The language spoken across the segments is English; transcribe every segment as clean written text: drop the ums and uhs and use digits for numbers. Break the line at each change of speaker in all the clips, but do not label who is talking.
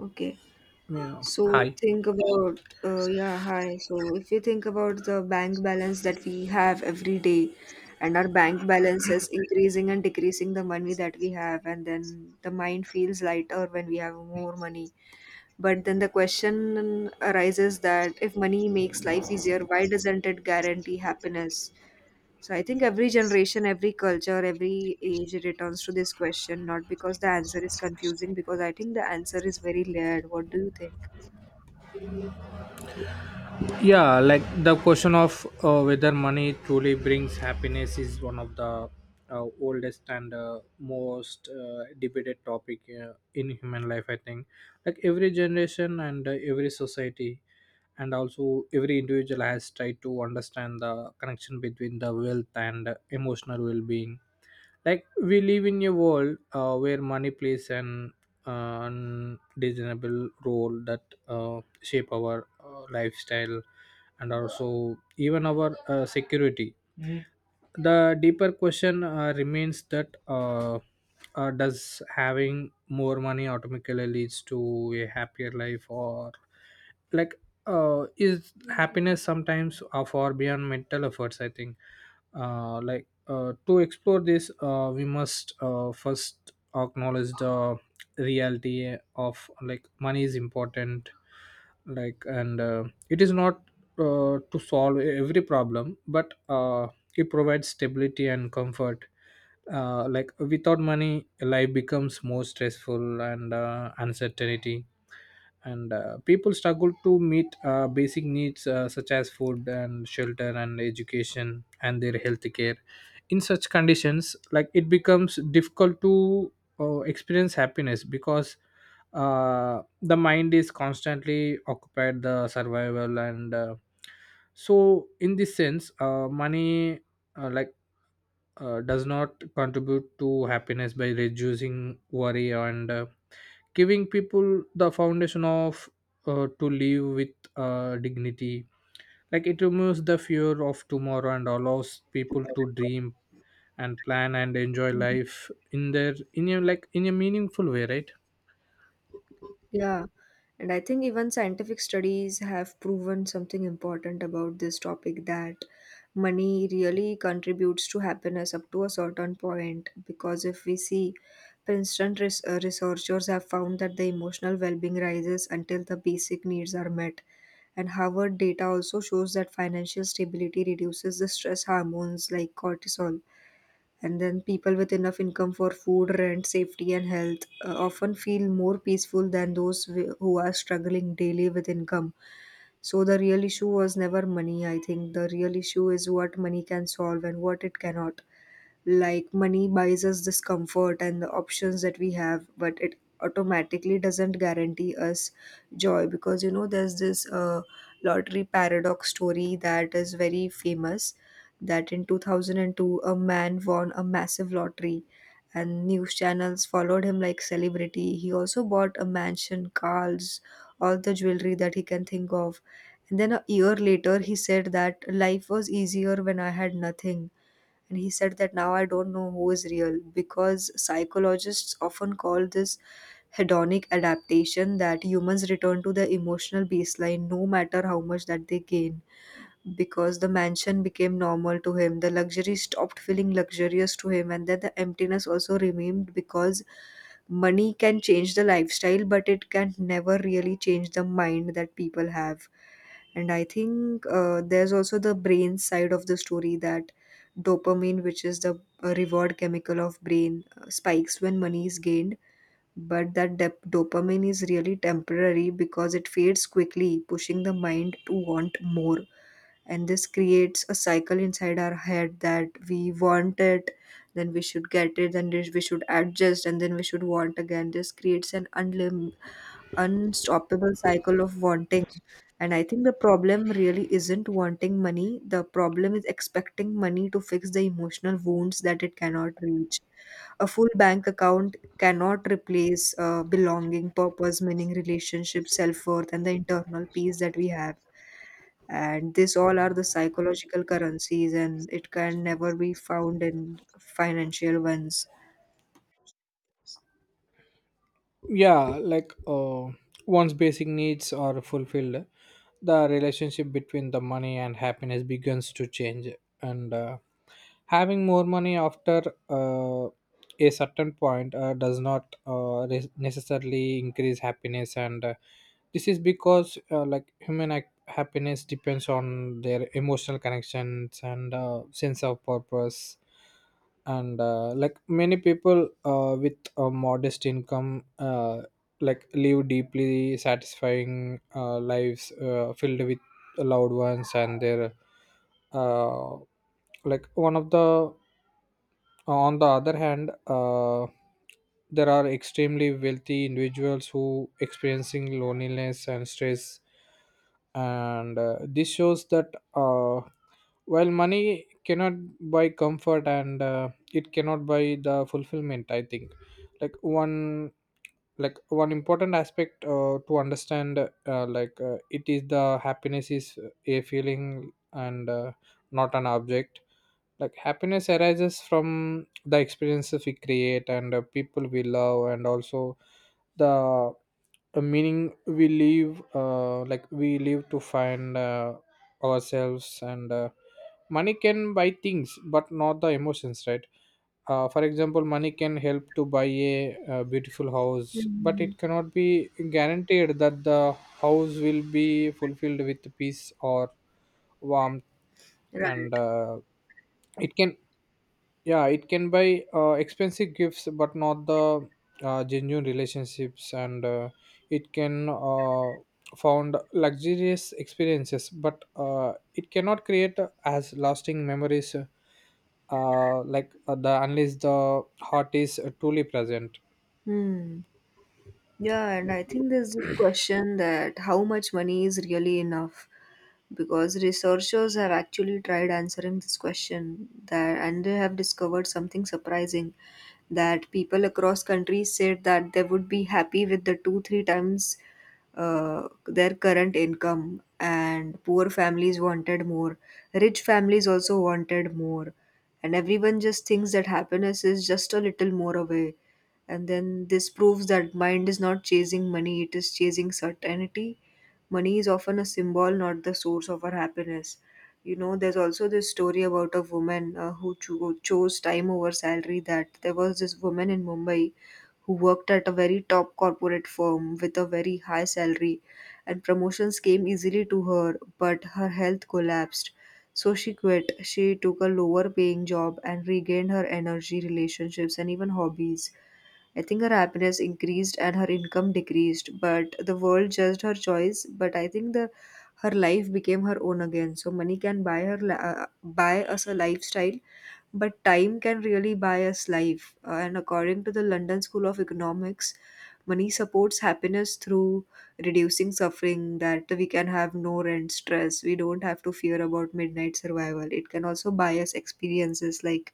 Okay.
Yeah.
So
Hi.
think about Yeah, hi. So if you think about the bank balance that we have every day, and our bank balance is increasing and decreasing the money that we have, and then the mind feels lighter when we have more money. But then the question arises that if money makes life easier, why doesn't it guarantee happiness? So I think every generation, every culture, every age returns to this question, not because the answer is confusing, because I think the answer is very layered. What do you think?
Yeah, like the question of whether money truly brings happiness is one of the oldest and most debated topic in human life. I think, like every generation and every society, and also every individual has tried to understand the connection between the wealth and emotional well-being. Like we live in a world where money plays an undeniable role that shape our lifestyle and also even our security. The deeper question remains that does having more money automatically leads to a happier life, or like is happiness sometimes far beyond mental efforts? I think like to explore this we must first acknowledge the reality of, like, money is important, like, and it is not to solve every problem, but it provides stability and comfort. Like without money life becomes more stressful and uncertainty, and people struggle to meet basic needs such as food and shelter and education and their health care. In such conditions, like, it becomes difficult to experience happiness, because the mind is constantly occupied the survival, and so in this sense money like does not contribute to happiness by reducing worry and giving people the foundation of to live with dignity. Like it removes the fear of tomorrow and allows people to dream and plan and enjoy life in their in a like in a meaningful way, right?
Yeah, and I think even scientific studies have proven something important about this topic, that money really contributes to happiness up to a certain point. Because if we see, for instance, researchers have found that the emotional well being rises until the basic needs are met. And Harvard data also shows that financial stability reduces the stress hormones like cortisol, and then people with enough income for food, rent, safety, and health often feel more peaceful than those who are struggling daily with income. So the real issue was never money. I think the real issue is what money can solve and what it cannot. Like money buys us this comfort and the options that we have, but it automatically doesn't guarantee us joy, because you know there's this lottery paradox story that is very famous, that in 2002 a man won a massive lottery, and news channels followed him like celebrity. He also bought a mansion, cars, all the jewelry that he can think of. And then a year later he said that life was easier when I had nothing. And he said that now I don't know who is real, because psychologists often call this hedonic adaptation, that humans return to their emotional baseline no matter how much that they gain, because the mansion became normal to him. The luxury stopped feeling luxurious to him, and then the emptiness also remained, because money can change the lifestyle, but it can never really change the mind that people have. And I think there's also the brain side of the story, that dopamine, which is the reward chemical of brain, spikes when money is gained. But that dopamine is really temporary, because it fades quickly, pushing the mind to want more. And this creates a cycle inside our head, that we want it, then we should get it, then we should adjust, and then we should want again. This creates an unstoppable cycle of wanting. And I think the problem really isn't wanting money, the problem is expecting money to fix the emotional wounds that it cannot reach. A full bank account cannot replace belonging, purpose, meaning, relationship, self-worth, and the internal peace that we have. And these all are the psychological currencies, and it can never be found in financial ones.
Yeah, like once basic needs are fulfilled the relationship between the money and happiness begins to change, and having more money after uh, a certain point does not necessarily increase happiness, and this is because like happiness depends on their emotional connections and sense of purpose, and like many people with a modest income uh, like live deeply satisfying lives filled with loved ones and their uh, like one of the on the other hand there are extremely wealthy individuals who experiencing loneliness and stress, and this shows that while money cannot buy comfort, and it cannot buy the fulfillment. I think, like one important aspect to understand like it is the happiness is a feeling, and not an object. Like happiness arises from the experiences we create and people we love and also the meaning we live like we live to find ourselves, and money can buy things but not the emotions, right? For example, money can help to buy a, beautiful house, but
Mhm.
it cannot be guaranteed that the house will be fulfilled with peace or warmth, and
Right.
uh, it can, yeah, it can buy expensive gifts but not the genuine relationships, and it can found luxurious experiences, but it cannot create as lasting memories like the unless the heart is truly present.
Hmm. Yeah, and I think there's this question, that how much money is really enough? Because researchers have actually tried answering this question, that and they have discovered something surprising, that people across countries said that they would be happy with the two, three times their current income, and poor families wanted more. Rich families also wanted more. And everyone just thinks that happiness is just a little more away. And then this proves that mind is not chasing money, it is chasing certainty. Money is often a symbol, not the source of our happiness. You know, there's also this story about a woman who chose time over salary, that there was this woman in Mumbai who worked at a very top corporate firm with a very high salary, and promotions came easily to her, but her health collapsed. So she quit. She took a lower paying job and regained her energy, relationships, and even hobbies. I think her happiness increased and her income decreased, but the world judged her choice. But I think the her life became her own again. So money can buy us a lifestyle, but time can really buy us life. And according to the London School of Economics, money supports happiness through reducing suffering, that we can have no rent stress, we don't have to fear about midnight survival. It can also buy us experiences like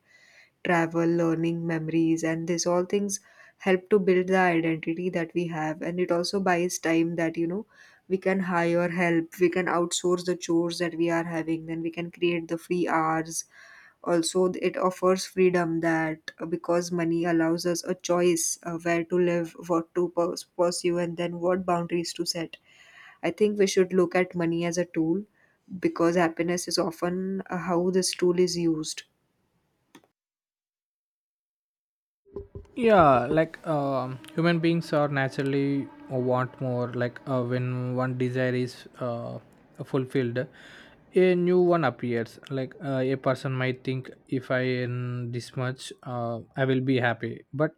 travel, learning, memories, and these all things help to build the identity that we have. And it also buys time, that, you know, we can hire help, we can outsource the chores that we are having, then we can create the free hours. Also, it offers freedom, that because money allows us a choice where to live, what to pursue, and then what boundaries to set. I think we should look at money as a tool, because happiness is often how this tool is used.
Yeah, like human beings are naturally want more. Like when one desire is fulfilled a new one appears. Like a person might think, if I earn this much I will be happy, but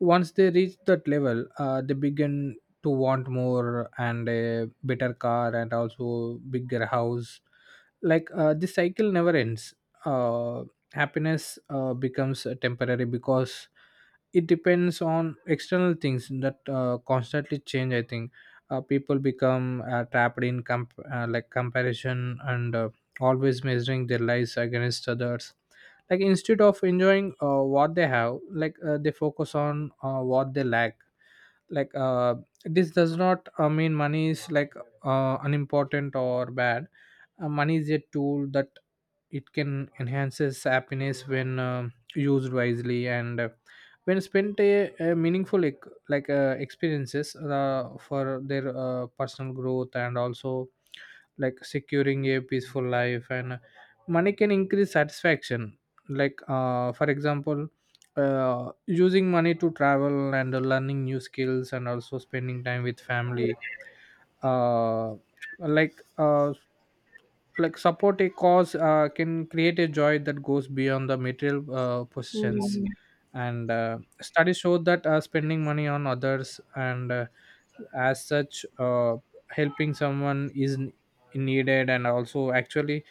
once they reach that level they begin to want more and a better car and also bigger house. Like this cycle never ends. uh, Happiness becomes temporary because it depends on external things that constantly change. I think people become trapped in like comparison, and always measuring their lives against others, like, instead of enjoying what they have. Like they focus on what they lack. Like this does not mean money is like unimportant or bad. Money is a tool that it can enhances happiness when used wisely, and when spent a meaningful like experiences for their personal growth and also like securing a peaceful life, and money can increase satisfaction. Like for example using money to travel and learning new skills and also spending time with family uh, like uh, like support a cause can create a joy that goes beyond the material possessions,
Mm-hmm.
and studies show that spending money on others, and as such helping someone is needed and also actually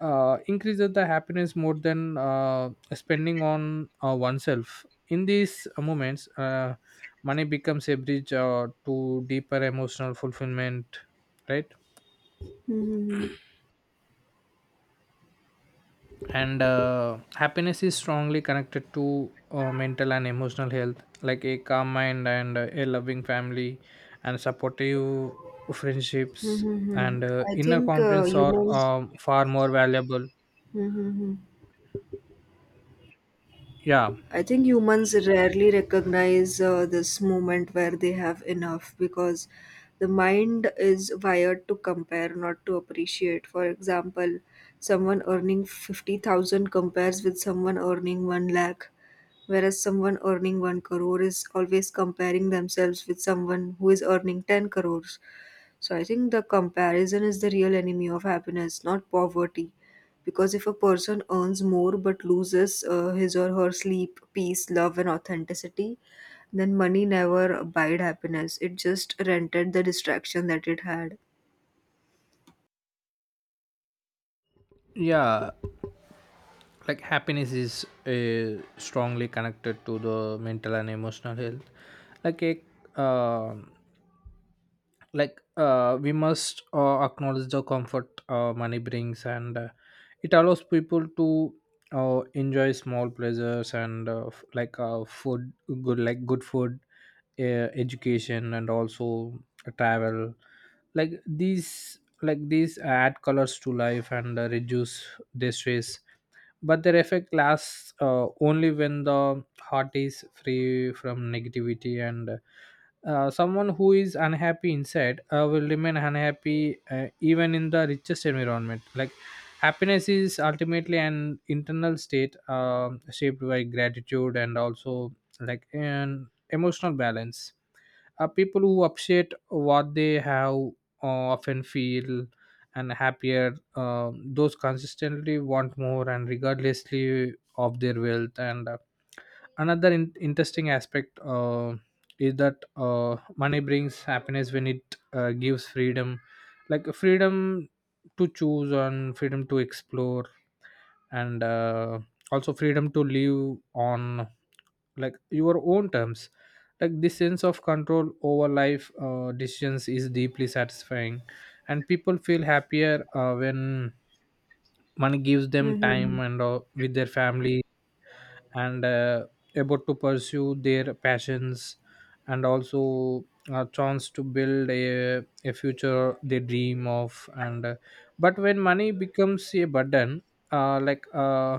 increases the happiness more than spending on oneself. In these moments money becomes a bridge to deeper emotional fulfillment, right? And happiness is strongly connected to mental and emotional health, like a calm mind, and a loving family and supportive friendships,
Mm-hmm.
and
I
inner
think
confidence are
humans.
far more valuable.
Mm-hmm.
Yeah.
I think humans rarely recognize this moment where they have enough, because the mind is wired to compare, not to appreciate. For example, someone earning 50,000 compares with someone earning 1 lakh, whereas someone earning 1 crore is always comparing themselves with someone who is earning 10 crores. So I think the comparison is the real enemy of happiness, not poverty. Because if a person earns more but loses his or her sleep, peace, love, and authenticity, then money never buyed happiness. It just rented the distraction that it had.
Yeah, like happiness is strongly connected to the mental and emotional health, like a um like we must acknowledge the comfort money brings, and it allows people to enjoy small pleasures and like food, good food, education and also travel. Like these add colors to life and reduce their stress, but their effect lasts only when the heart is free from negativity, and someone who is unhappy inside will remain unhappy even in the richest environment. Like happiness is ultimately an internal state shaped by gratitude and also like an emotional balance. People who appreciate what they have often feel and happier. Those consistently want more and regardlessly of their wealth. And another interesting aspect is that money brings happiness when it gives freedom, like freedom to choose and freedom to explore, and also freedom to live on like your own terms. Like this sense of control over life decisions is deeply satisfying, and people feel happier when money gives them time,
Mhm.
and with their family, and able to pursue their passions and also a chance to build a future they dream of, and but when money becomes a burden like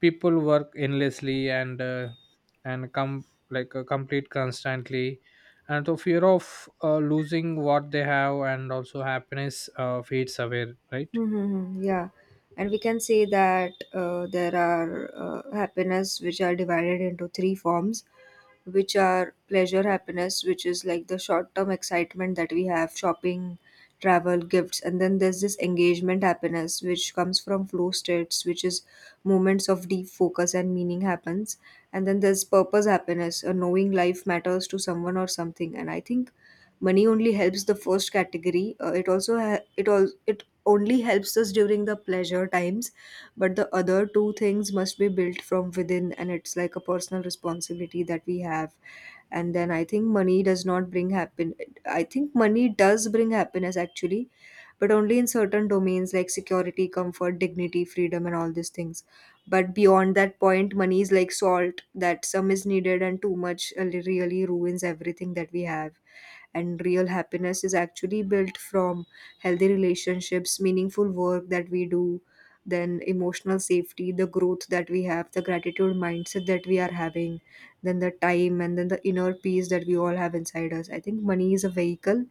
people work endlessly, and and come like complete constantly, and the fear of losing what they have and also happiness fades away, right?
Mm-hmm. Yeah, and we can say that there are happiness which are divided into three forms, which are pleasure happiness, which is like the short-term excitement that we have, shopping, travel, gifts, and then there's this engagement happiness, which comes from flow states, which is moments of deep focus and meaning happens, and then there's purpose happiness, knowing life matters to someone or something. And I think money only helps the first category. It also it only helps us during the pleasure times, but the other two things must be built from within, and it's like a personal responsibility that we have. And then I think money does not bring happen. I think money does bring happiness actually, but only in certain domains like security, comfort, dignity, freedom, and all these things. But beyond that point, money is like salt, that some is needed and too much really ruins everything that we have. And real happiness is actually built from healthy relationships, meaningful work that we do, then emotional safety, the growth that we have, the gratitude mindset that we are having, then the time, and then the inner peace that we all have inside us. I think money is a vehicle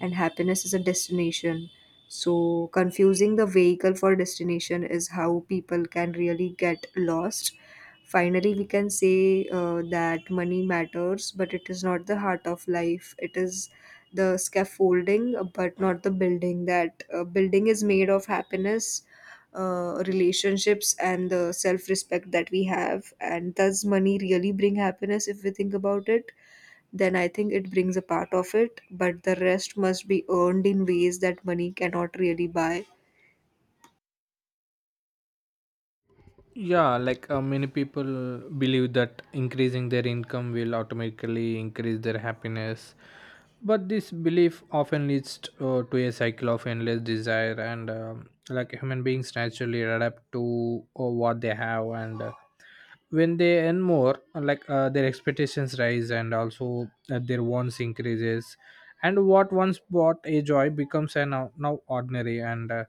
and happiness is a destination. So confusing the vehicle for destination is how people can really get lost. Finally, we can say that money matters, but it is not the heart of life. It is the scaffolding, but not the building. That building is made of happiness, relationships, and the self respect that we have. And does money really bring happiness if we think about it? Then I think it brings a part of it, but the rest must be earned in ways that money cannot really buy.
Yeah, like many people believe that increasing their income will automatically increase their happiness. But this belief often leads to a cycle of endless desire, and like human beings naturally adapt to what they have, and when they earn more, like their expectations rise and also their wants increases, and what once brought a joy becomes an, now ordinary, and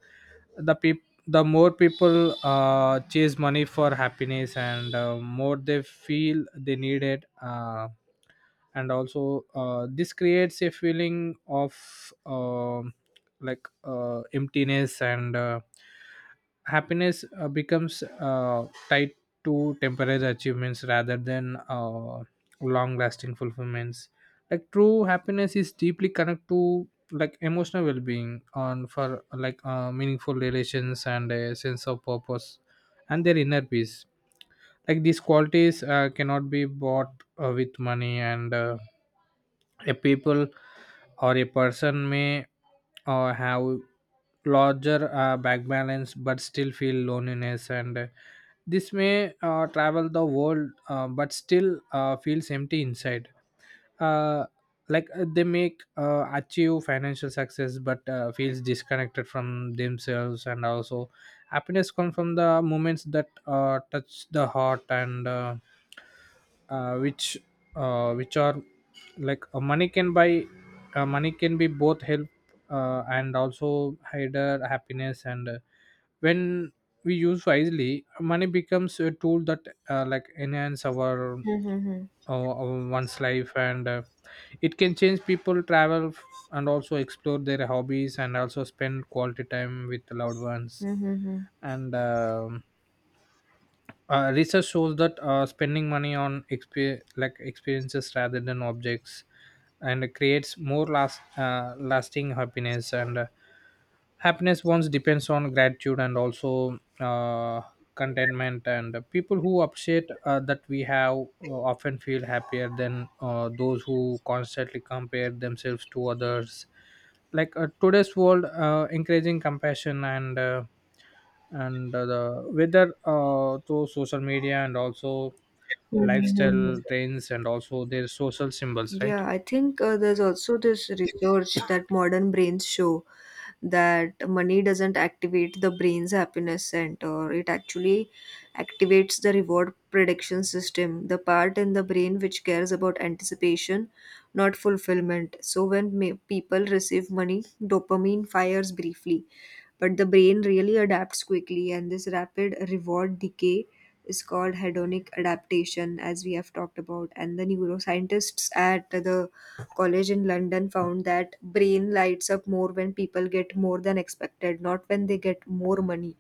the more people chase money for happiness and more they feel they need it, and also this creates a feeling of like emptiness, and happiness becomes tied to temporary achievements rather than long lasting fulfillments. Like true happiness is deeply connected to like emotional well-being on for like meaningful relations and a sense of purpose and their inner peace. Like these qualities cannot be bought with money, and a people or a person may have larger back balance but still feel loneliness, and this may travel the world but still feels empty inside, uh, like they make achieve financial success but feels disconnected from themselves and also happiness comes from the moments that touch the heart, and uh, which which are like money can buy money can be both help, and also hinder happiness, and when we use wisely money becomes a tool that like enhance
Mm-hmm.
our one's life, and it can change people travel and also explore their hobbies and also spend quality time with loved ones, and research shows that spending money on like experiences rather than objects, and creates more lasting happiness, and happiness once depends on gratitude and also contentment, and people who appreciate that we have uh, often feel happier than those who constantly compare themselves to others. Like today's world encouraging compassion, and the whether through social media and also
Mm-hmm.
lifestyle trends and also their social symbols, right?
Yeah, I think there's also this research that modern brains show, that money doesn't activate the brain's happiness center. It actually activates the reward prediction system, the part in the brain which cares about anticipation, not fulfillment. So when people receive money, dopamine fires briefly, but the brain really adapts quickly, and this rapid reward decay is called hedonic adaptation, as we have talked about. And the neuroscientists at the college in London found that brain lights up more when people get more than expected, not when they get more money.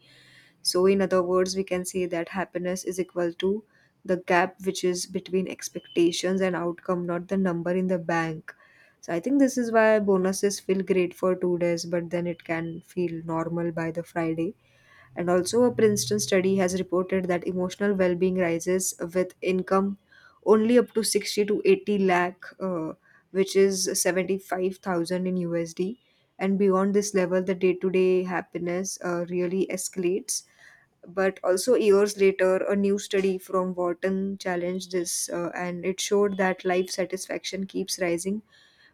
So, in other words, we can say that happiness is equal to the gap which is between expectations and outcome, not the number in the bank. So I think this is why bonuses feel great for 2 days, but then it can feel normal by the Friday. And also, a Princeton study has reported that emotional well being rises with income only up to 60 to 80 lakh, which is 75,000 in USD. And beyond this level, the day to day happiness really escalates. But also, years later, a new study from Wharton challenged this and it showed that life satisfaction keeps rising,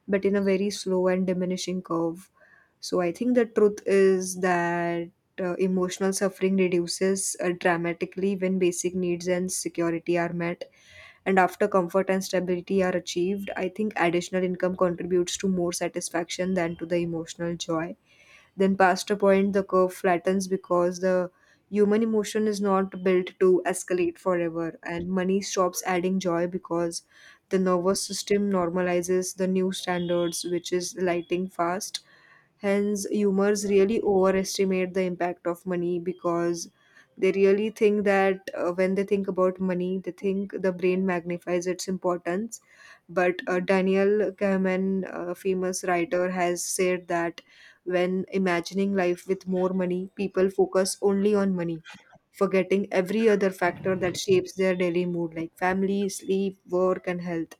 but in a very slow and diminishing curve. So I think the truth is that emotional suffering reduces dramatically when basic needs and security are met. And after comfort and stability are achieved, I think additional income contributes to more satisfaction than to the emotional joy. Then, past a point, the curve flattens because the human emotion is not built to escalate forever, and money stops adding joy because the nervous system normalizes the new standards, which is lighting fast. Hence, humors really overestimate the impact of money because they really think that, when they think about money, they think the brain magnifies its importance. But Daniel Kahneman, a famous writer, has said that when imagining life with more money, people focus only on money, forgetting every other factor that shapes their daily mood, like family, sleep, work, and health.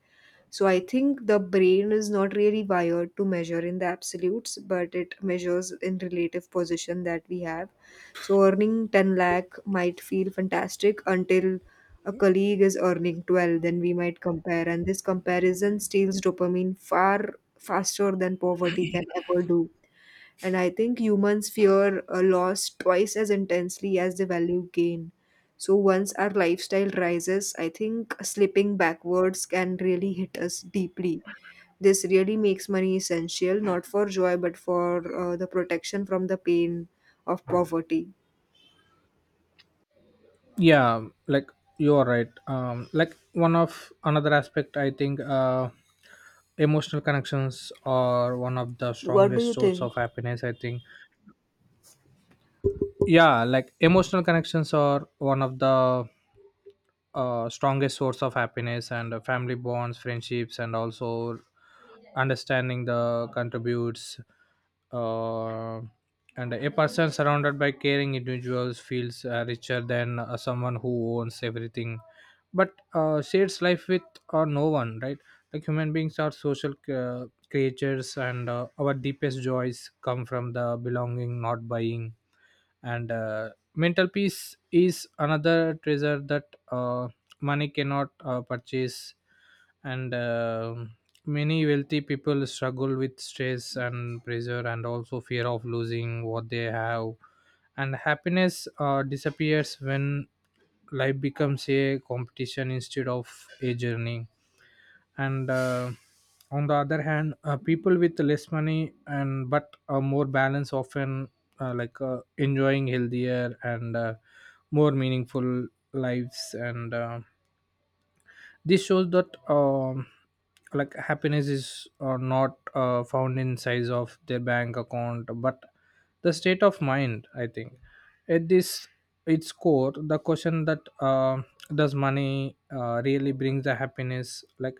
So I think the brain is not really wired to measure in the absolutes, but it measures in relative position that we have. So earning 10 lakh might feel fantastic until a colleague is earning 12, then we might compare. And this comparison steals dopamine far faster than poverty can ever do. And I think humans fear a loss twice as intensely as they value gain. So once our lifestyle rises, I think slipping backwards can really hit us deeply. This really makes money essential, not for joy, but for the protection from the pain of poverty.
Yeah, like you are right. Like one of another aspect, I think emotional connections are one of the
What do
strongest
you
source
think?
of happiness, I think. Yeah, like emotional connections are one of the strongest source of happiness, and family bonds, friendships and also understanding the contributes, uh, and a person surrounded by caring individuals feels richer than someone who owns everything but shares life with or no one, right? Like human beings are social creatures, and our deepest joys come from the belonging not buying, and mental peace is another treasure that money cannot purchase, and many wealthy people struggle with stress and pressure and also fear of losing what they have, and happiness disappears when life becomes a competition instead of a journey, and on the other hand people with less money and but a more balance often like enjoying healthier, and more meaningful lives, and this shows that like happiness is not found in size of their bank account but the state of mind, I think. At this its core, the question that does money really brings the happiness, like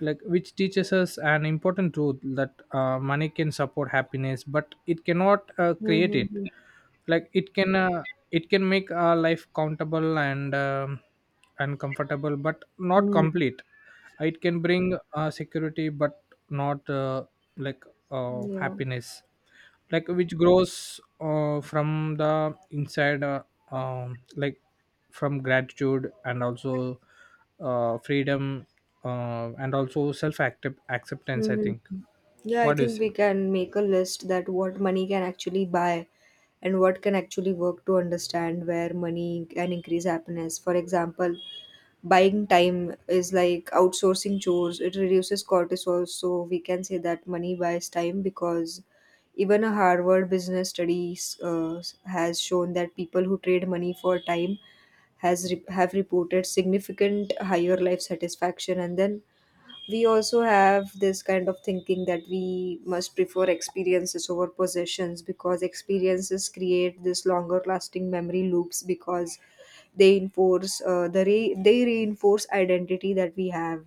which teaches us an important truth that money can support happiness but it cannot create it.
Mm-hmm.
Like it can make our life countable and comfortable but not complete. It can bring security but not like
Yeah.
happiness, like which grows from the inside like from gratitude and also freedom and also self acceptance, I
Mhm.
think.
Yeah, I
What do you
think
say?
we can make a list that what money can actually buy and what can actually work to understand where money can increase happiness. For example, buying time is like outsourcing chores, it reduces cortisol. So we can say that money buys time because even a Harvard business studies has shown that people who trade money for time have reported significant higher life satisfaction. And then we also have this kind of thinking that we must prefer experiences over possessions because experiences create this longer lasting memory loops because they enforce they reinforce identity that we have.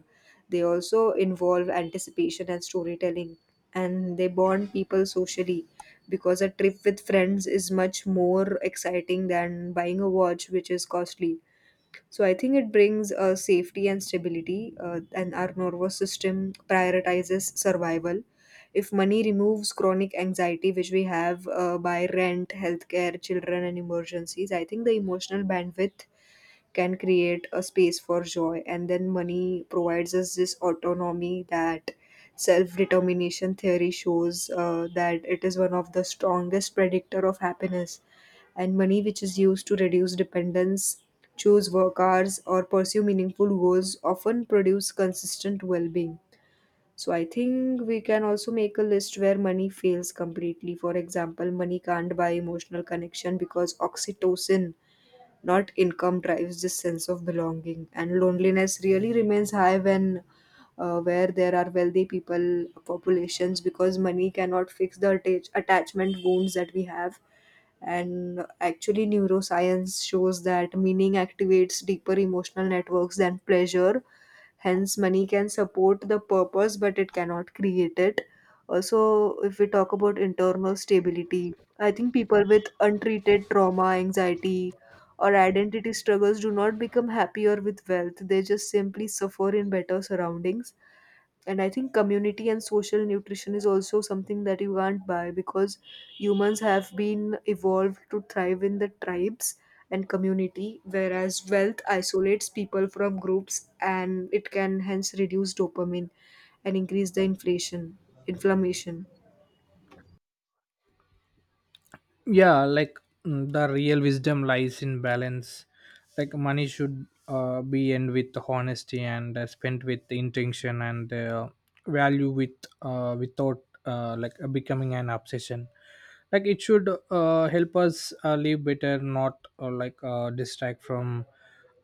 They also involve anticipation and storytelling, and they bond people socially because a trip with friends is much more exciting than buying a watch which is costly. So I think it brings safety and stability, and our nervous system prioritizes survival. If money removes chronic anxiety, which we have by rent, healthcare, children, and emergencies, I think the emotional bandwidth can create a space for joy. And then money provides us this autonomy that self-determination theory shows that it is one of the strongest predictor of happiness, and money which is used to reduce dependence, choose work hours or pursue meaningful goals often produce consistent well-being. So I think we can also make a list where money fails completely. For example, money can't buy emotional connection because oxytocin, not income, drives this sense of belonging, and loneliness really remains high when where there are wealthy people populations because money cannot fix the attachment wounds that we have. And actually neuroscience shows that meaning activates deeper emotional networks than pleasure. Hence money can support the purpose but it cannot create it. Also, if we talk about internal stability, I think people with untreated trauma, anxiety or identity struggles do not become happier with wealth. They just simply suffer in better surroundings. And I think community and social nutrition is also something that you can't buy because humans have been evolved to thrive in the tribes and community, whereas wealth isolates people from groups and it can hence reduce dopamine and increase the inflation, inflammation.
Yeah, like the real wisdom lies in balance. Like money should be earned with honesty, and spent with intention, and value with without like becoming an obsession. Like it should help us live better, not like distract from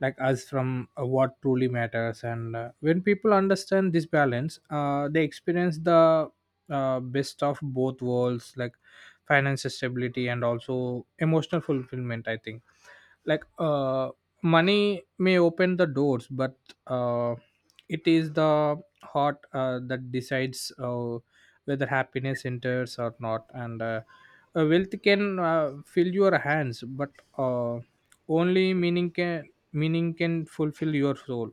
like us from what truly matters, and when people understand this balance they experience the best of both worlds, like financial stability and also emotional fulfillment, I think. Like money may open the doors, but uh, it is the heart that decides whether happiness enters or not, and wealth can fill your hands, but uh, only meaning can fulfill your soul.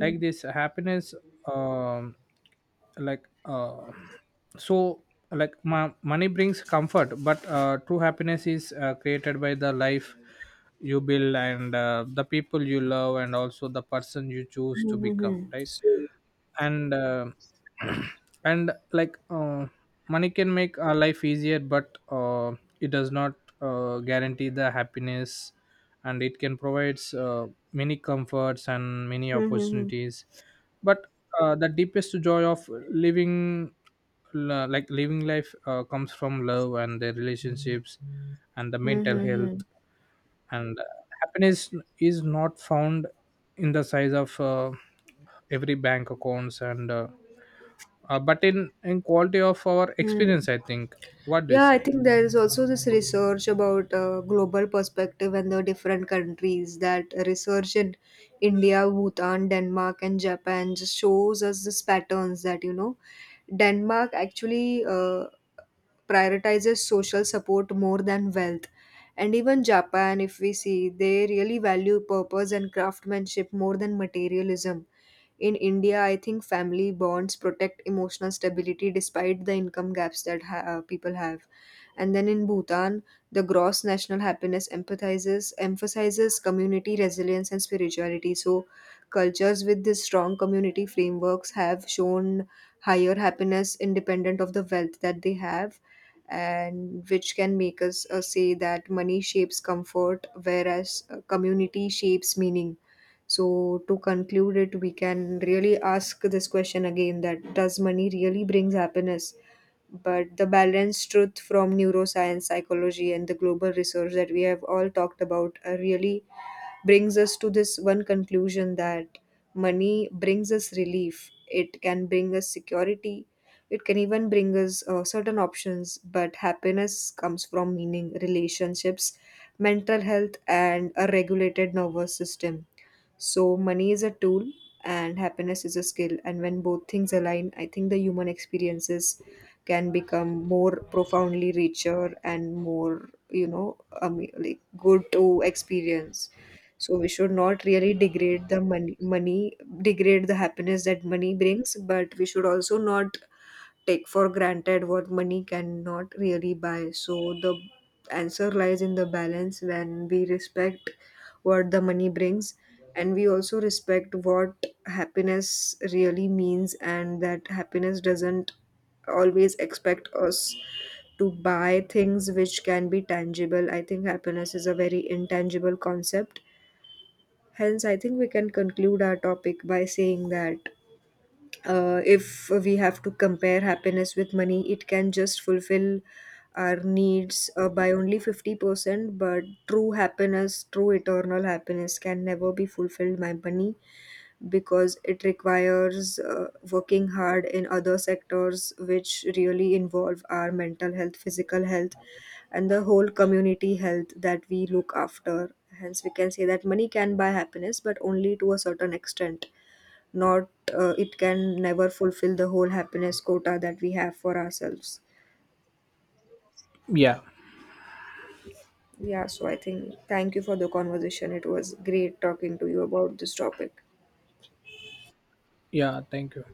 Like this happiness um, like so like money brings comfort, but true happiness is created by the life you build, and the people you love and also the person you choose to become,
Mm-hmm.
right?
So,
And and like money can make our life easier, but it does not guarantee the happiness, and it can provide many comforts and many
mm-hmm.
opportunities, but the deepest joy of living, like living life comes from love and their relationships and the
Mm-hmm.
mental health,
Mm-hmm.
and happiness is not found in the size of every bank accounts, and but in quality of our
Hmm.
experience, I think. What do you
Yeah, I
say?
think there is also this research about global perspective and the different countries. That research in India, Bhutan, Denmark, and Japan just shows us these patterns that, you know, Denmark actually prioritizes social support more than wealth, and even Japan, if we see, they really value purpose and craftsmanship more than materialism. In India, I think family bonds protect emotional stability despite the income gaps that people have. And then in Bhutan, the gross national happiness empathizes, emphasizes community resilience and spirituality. So, cultures with this strong community frameworks have shown higher happiness independent of the wealth that they have, and which can make us say that money shapes comfort whereas community shapes meaning. So to conclude it, we can really ask this question again: that does money really brings happiness? But the balanced truth from neuroscience, psychology, and the global research that we have all talked about really brings us to this one conclusion that money brings us relief. It can bring us security. It can even bring us certain options. But happiness comes from meaning, relationships, mental health, and a regulated nervous system. So, money is a tool and happiness is a skill. And when both things align, I think the human experiences can become more profoundly richer and more, you know, like good to experience. So, we should not really degrade the happiness that money brings, but we should also not take for granted what money cannot really buy. So the answer lies in the balance when we respect what the money brings and we also respect what happiness really means, and that happiness doesn't always expect us to buy things which can be tangible. I think happiness is a very intangible concept. Hence, I think we can conclude our topic by saying that, if we have to compare happiness with money, it can just fulfill our needs by only 50%. But true happiness, true eternal happiness, can never be fulfilled by money because it requires working hard in other sectors which really involve our mental health, physical health, and the whole community health that we look after. Hence, we can say that money can buy happiness, but only to a certain extent, not it can never fulfill the whole happiness quota that we have for ourselves.
Yeah.
Yeah, so I think thank you for the conversation. It was great talking to you about this topic.
Yeah, thank you.